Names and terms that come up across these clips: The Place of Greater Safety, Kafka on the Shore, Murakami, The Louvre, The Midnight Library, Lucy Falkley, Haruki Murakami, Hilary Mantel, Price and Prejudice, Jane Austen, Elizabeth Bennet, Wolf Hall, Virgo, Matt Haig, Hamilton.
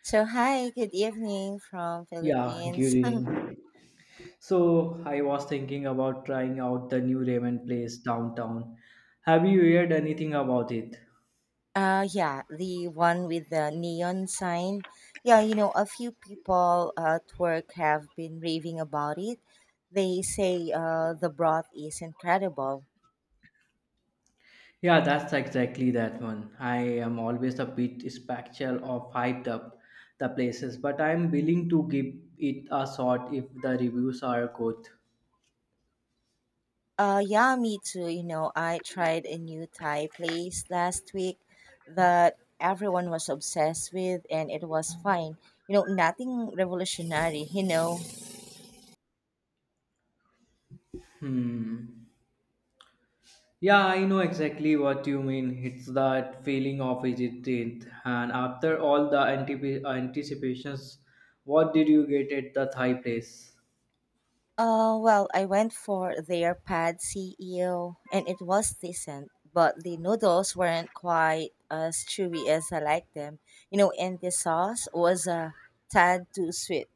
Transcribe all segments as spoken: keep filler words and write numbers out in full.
So hi, good evening from Yeah, good Philippines. evening. So I was thinking about trying out the new ramen place downtown. Have you heard anything about it? uh yeah, the one with the neon sign. Yeah, you know, a few people at work have been raving about it. They say uh the broth is incredible. Yeah, that's exactly that one. I am always a bit spectral of hyped up the places, but I'm willing to give it a shot if the reviews are good. Uh yeah, me too. You know, I tried a new Thai place last week that everyone was obsessed with and it was fine. You know, nothing revolutionary, you know. Hmm. Yeah, I know exactly what you mean. It's that feeling of hesitate. And after all the antip- anticipations, what did you get at the Thai place? Uh, well, I went for their pad C E O and it was decent, but the noodles weren't quite as chewy as I like them. You know, and the sauce was a tad too sweet.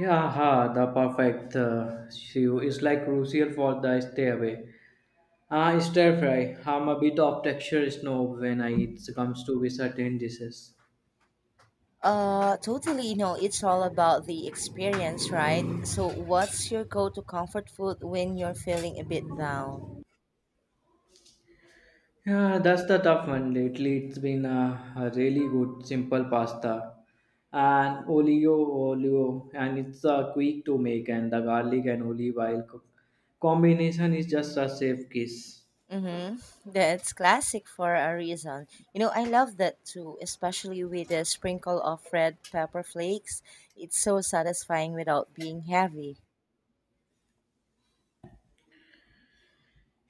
Yeah, ha, the perfect uh, stew is like crucial for the stay away. Ah, stir fry. I'm a bit of texture snob when I, it comes to be certain dishes. Uh, totally, you know, it's all about the experience, right? So, what's your go to comfort food when you're feeling a bit down? Yeah, that's the tough one. Lately, it's been a, a really good simple pasta and olio olio, and it's uh, quick to make, and the garlic and olive oil co- combination is just a safe kiss. Mm-hmm. That's classic for a reason. You know, I love that too, especially with a sprinkle of red pepper flakes. It's so satisfying without being heavy.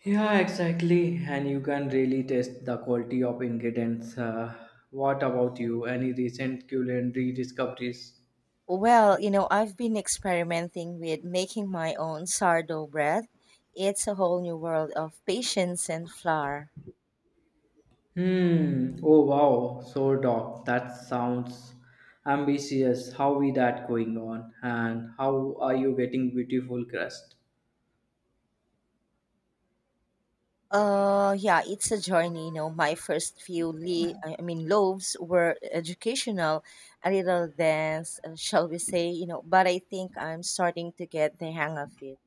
Yeah, exactly, and you can really taste the quality of ingredients. Uh, what about you? Any recent culinary discoveries? Well, you know, I've been experimenting with making my own sourdough bread. It's a whole new world of patience and flour. Hmm. Oh wow. So doc, that sounds ambitious. How is that going on? And how are you getting beautiful crust? Uh, yeah, it's a journey. You know, my first few le- I I mean loaves were educational, a little dense, uh, shall we say? You know, but I think I'm starting to get the hang of it.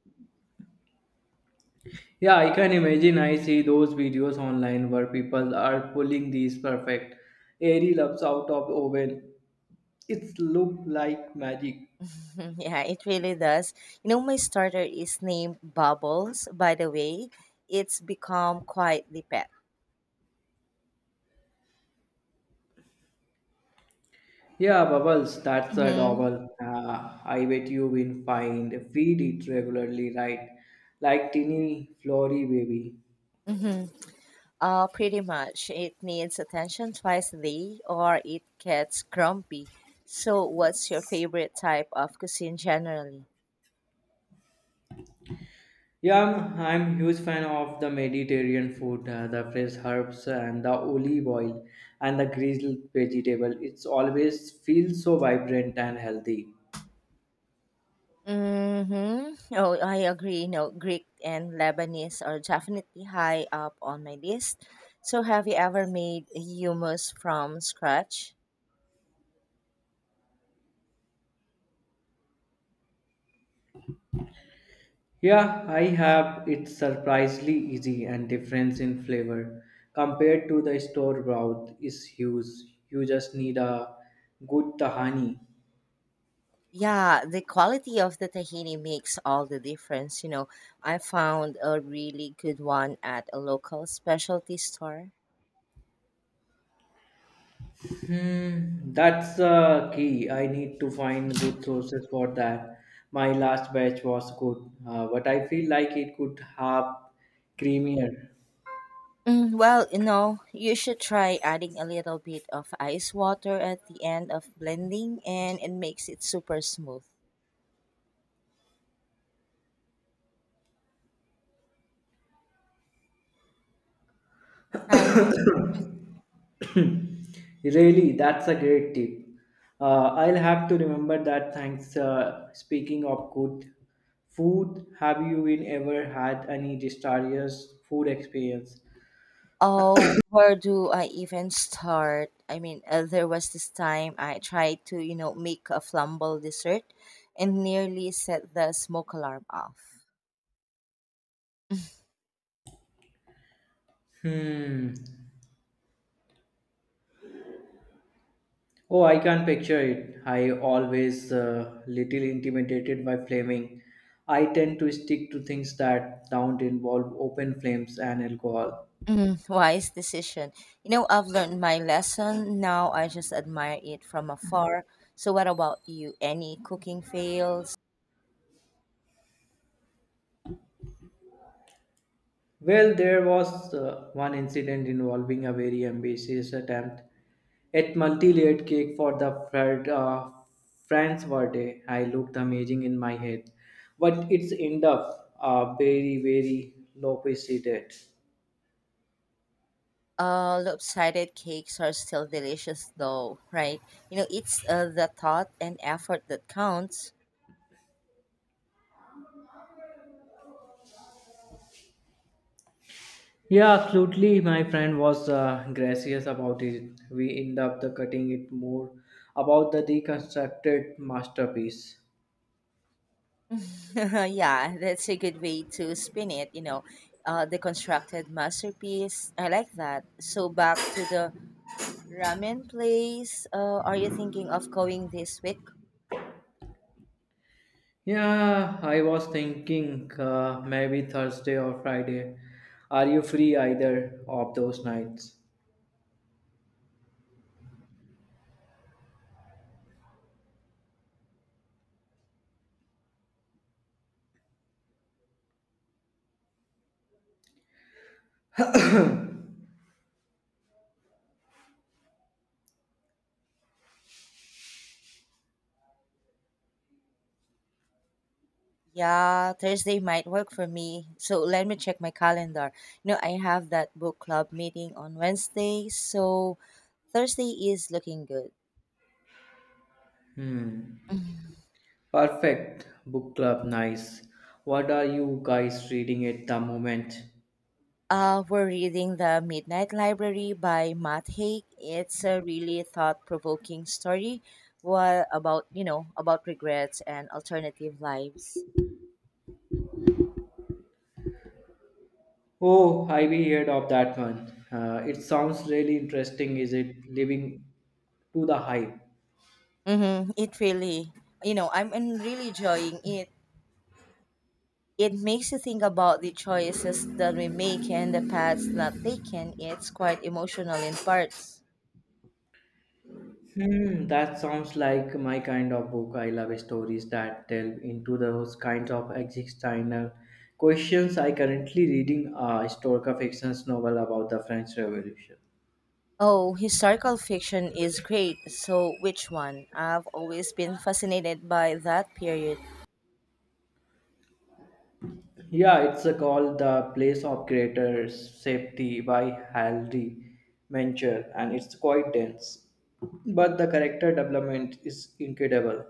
Yeah, I can imagine. I see those videos online where people are pulling these perfect airy lumps out of oven. It's look like magic. yeah, it really does. You know, my starter is named Bubbles. By the way, it's become quietly pet. Yeah, bubbles. That's a Mm-hmm. double. Uh, I bet you will find feed it regularly, right? Like teeny flory baby. Mm-hmm. Uh, pretty much. It needs attention twice a day or it gets grumpy. So, what's your favorite type of cuisine generally? Yeah, I'm, I'm huge fan of the Mediterranean food, uh, the fresh herbs and the olive oil and the grilled vegetable. It's always feels so vibrant and healthy. Mm-hmm. Oh, I agree. You know, Greek and Lebanese are definitely high up on my list. So, have you ever made hummus from scratch? Yeah, I have it surprisingly easy and difference in flavor compared to the store broth is huge. You just need a good tahini. Yeah, the quality of the tahini makes all the difference. You know, I found a really good one at a local specialty store. Hmm, that's the key. I need to find good sources for that. My last batch was good, uh, but I feel like it could have creamier. Mm, well, you know, you should try adding a little bit of ice water at the end of blending, and it makes it super smooth. Hi. Really, that's a great tip. Uh, I'll have to remember that. Thanks. Uh, speaking of good food, have you been ever had any disastrous food experience? Oh, where do I even start? I mean, uh, there was this time I tried to, you know, make a flamble dessert and nearly set the smoke alarm off. Hmm. Oh, I can't picture it. I always uh, little intimidated by flaming. I tend to stick to things that don't involve open flames and alcohol. Mm, wise decision. You know, I've learned my lesson. Now I just admire it from afar. So, what about you? Any cooking fails? Well, there was uh, one incident involving a very ambitious attempt at multi-layered cake for the Fred, uh, France birthday. I looked amazing in my head, but it's end up uh, very, very low seated. Uh, lopsided cakes are still delicious, though, right? You know, it's uh, the thought and effort that counts. Yeah, absolutely. My friend was uh, gracious about it. We end up the cutting it more about the deconstructed masterpiece. yeah, that's a good way to spin it, you know. Uh, the constructed masterpiece. I like that. So back to the ramen place. Uh, are you thinking of going this week? Yeah, I was thinking uh, maybe Thursday or Friday. Are you free either of those nights? Yeah, Thursday might work for me. So let me check my calendar. You know, I have that book club meeting on Wednesday, so Thursday is looking good. Hmm. Perfect. Book club, nice. What are you guys reading at the moment? Uh, we're reading The Midnight Library by Matt Haig. It's a really thought-provoking story wha- about, you know, about regrets and alternative lives. Oh, I've heard of that one. Uh, it sounds really interesting. Is it living to the hype? Mm-hmm. It really, you know, I'm en- really enjoying it. It makes you think about the choices that we make and the paths not taken. It's quite emotional in parts. Hmm, that sounds like my kind of book. I love stories that delve into those kinds of existential questions. I currently reading a historical fiction novel about the French Revolution. Oh, historical fiction is great. So, which one? I've always been fascinated by that period. Yeah, it's uh, called The Place of Greater Safety by Haldy Mencher, and it's quite dense. But the character development is incredible.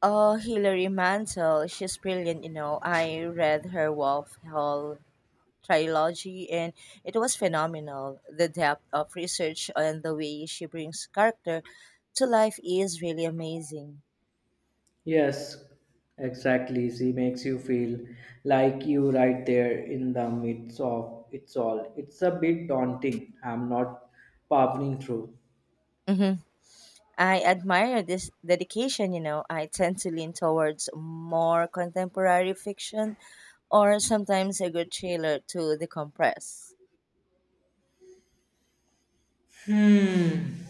Oh, Hilary Mantel, she's brilliant, you know. I read her Wolf Hall trilogy and it was phenomenal. The depth of research and the way she brings character to life is really amazing. Yes, exactly. She makes you feel like you right there in the midst of it's all. It's a bit daunting. I'm not powering through. Hmm. I admire this dedication, you know. I tend to lean towards more contemporary fiction or sometimes a good thriller to decompress. Hmm.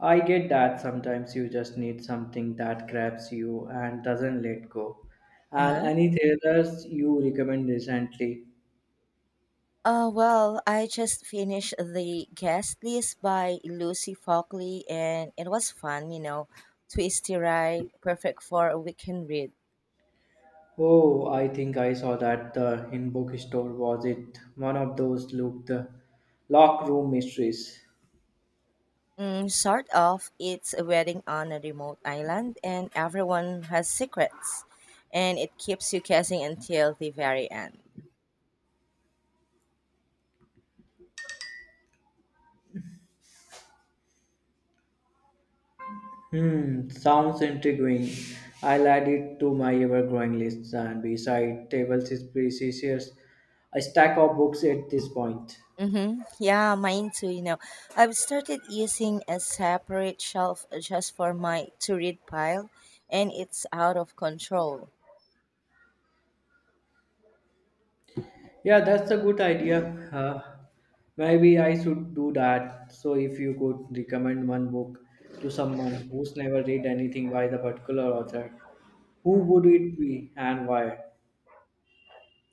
I get that sometimes you just need something that grabs you and doesn't let go. And Uh-huh. any thrillers you recommend recently? Uh, well, I just finished the guest list by Lucy Falkley, and it was fun, you know, twisty ride, perfect for a weekend read. Oh, I think I saw that the in bookstore was it one of those look the lock room mysteries. Mm, sort of. It's a wedding on a remote island, and everyone has secrets, and it keeps you guessing until the very end. Hmm, sounds intriguing. I'll add it to my ever-growing list. And beside tables is precious, a stack of books at this point. Mm-hmm. Yeah, mine too, you know. I've started using a separate shelf just for my to read pile and it's out of control. Yeah, that's a good idea. Uh, Maybe I should do that. So if you could recommend one book to someone who's never read anything by the particular author, who would it be and why?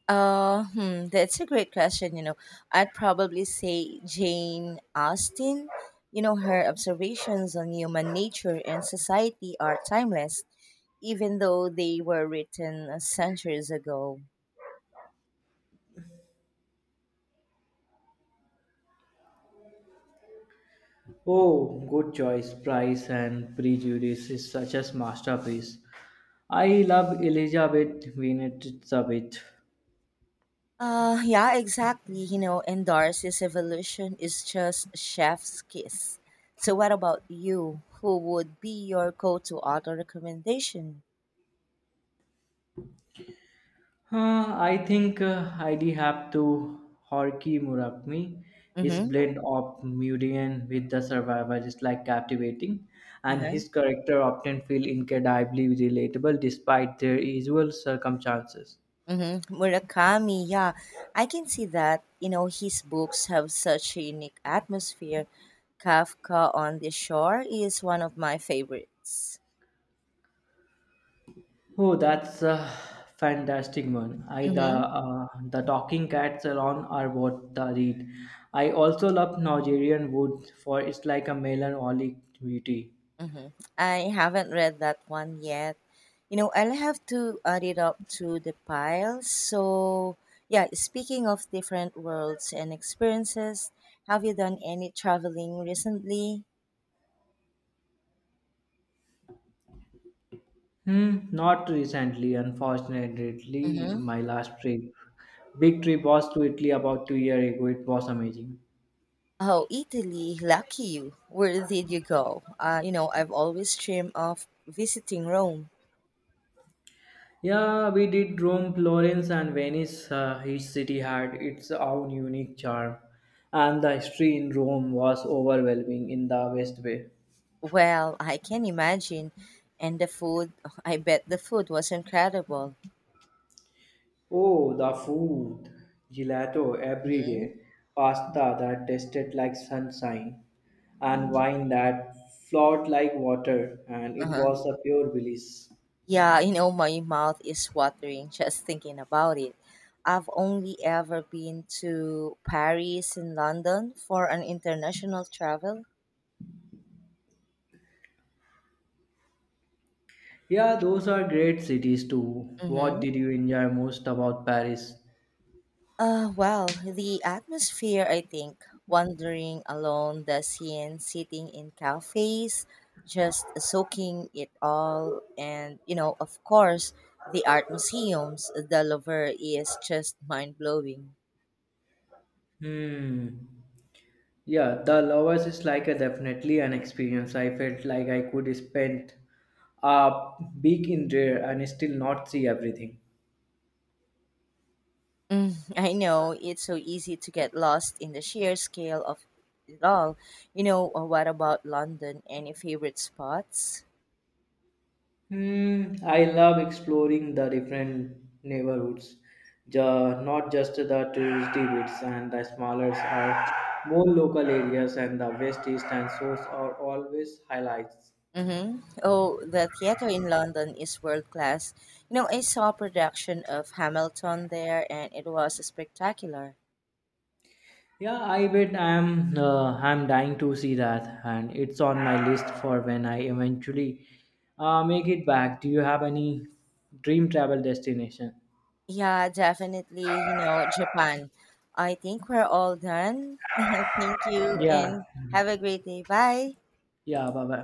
Uh, hmm, that's a great question, you know. I'd probably say Jane Austen. You know, her observations on human nature and society are timeless, even though they were written centuries ago. Oh, good choice. Price and Prejudice is such a masterpiece. I love Elizabeth Winnetabeth. Uh, yeah, exactly. You know, and Darcy's evolution is just chef's kiss. So, what about you? Who would be your go-to author recommendation? Uh, I think uh, I'd have to Horky Murakami. His Mm-hmm. blend of Murian with the survivor is like captivating, and Uh-huh. his character often feel incredibly relatable despite their usual circumstances. Mm-hmm. Murakami. Yeah, I can see that. You know, his books have such a unique atmosphere. Kafka on the Shore is one of my favorites. Oh, that's a fantastic one. I the Mm-hmm. uh, the talking cats around are what the read. I also love Nigerian wood for it's like a melancholic beauty. Mm-hmm. I haven't read that one yet. You know, I'll have to add it up to the pile. So, yeah, speaking of different worlds and experiences, have you done any traveling recently? Hmm, not recently, unfortunately. Mm-hmm. My last trip, big trip, was to Italy about two years ago. It was amazing. Oh, Italy, lucky you. Where did you go? Uh, you know, I've always dreamed of visiting Rome. Yeah, we did Rome, Florence, and Venice. Uh, each city had its own unique charm, and the history in Rome was overwhelming in the best way. Well, I can imagine. And the food, I bet the food was incredible. Oh, the food! Gelato every day, pasta that tasted like sunshine, and wine that flowed like water, and it was Uh-huh. a pure bliss. Yeah, you know, my mouth is watering just thinking about it. I've only ever been to Paris and London for an international travel. Yeah, those are great cities too. What Mm-hmm. did you enjoy most about Paris? Uh, well, the atmosphere, I think, wandering alone the scene, sitting in cafes, just soaking it all. And, you know, of course, the art museums, the Louvre is just mind blowing. Hmm. Yeah, the lovers is like a definitely an experience. I felt like I could spend a week in there and still not see everything. Mm, I know it's so easy to get lost in the sheer scale of it all. You know, uh, what about London? Any favorite spots? Hmm. I love exploring the different neighborhoods, Ju- not just the touristy bits and the smaller are more local areas and the west, east, and south are always highlights. Mm-hmm. Oh, the theater in London is world class. You know, I saw a production of Hamilton there and it was spectacular. Yeah, I bet I'm uh, I'm dying to see that, and it's on my list for when I eventually uh, make it back. Do you have any dream travel destination? Yeah, definitely. You know, Japan. I think we're all done. Thank you Yeah, and have a great day. Bye. yeah, bye bye.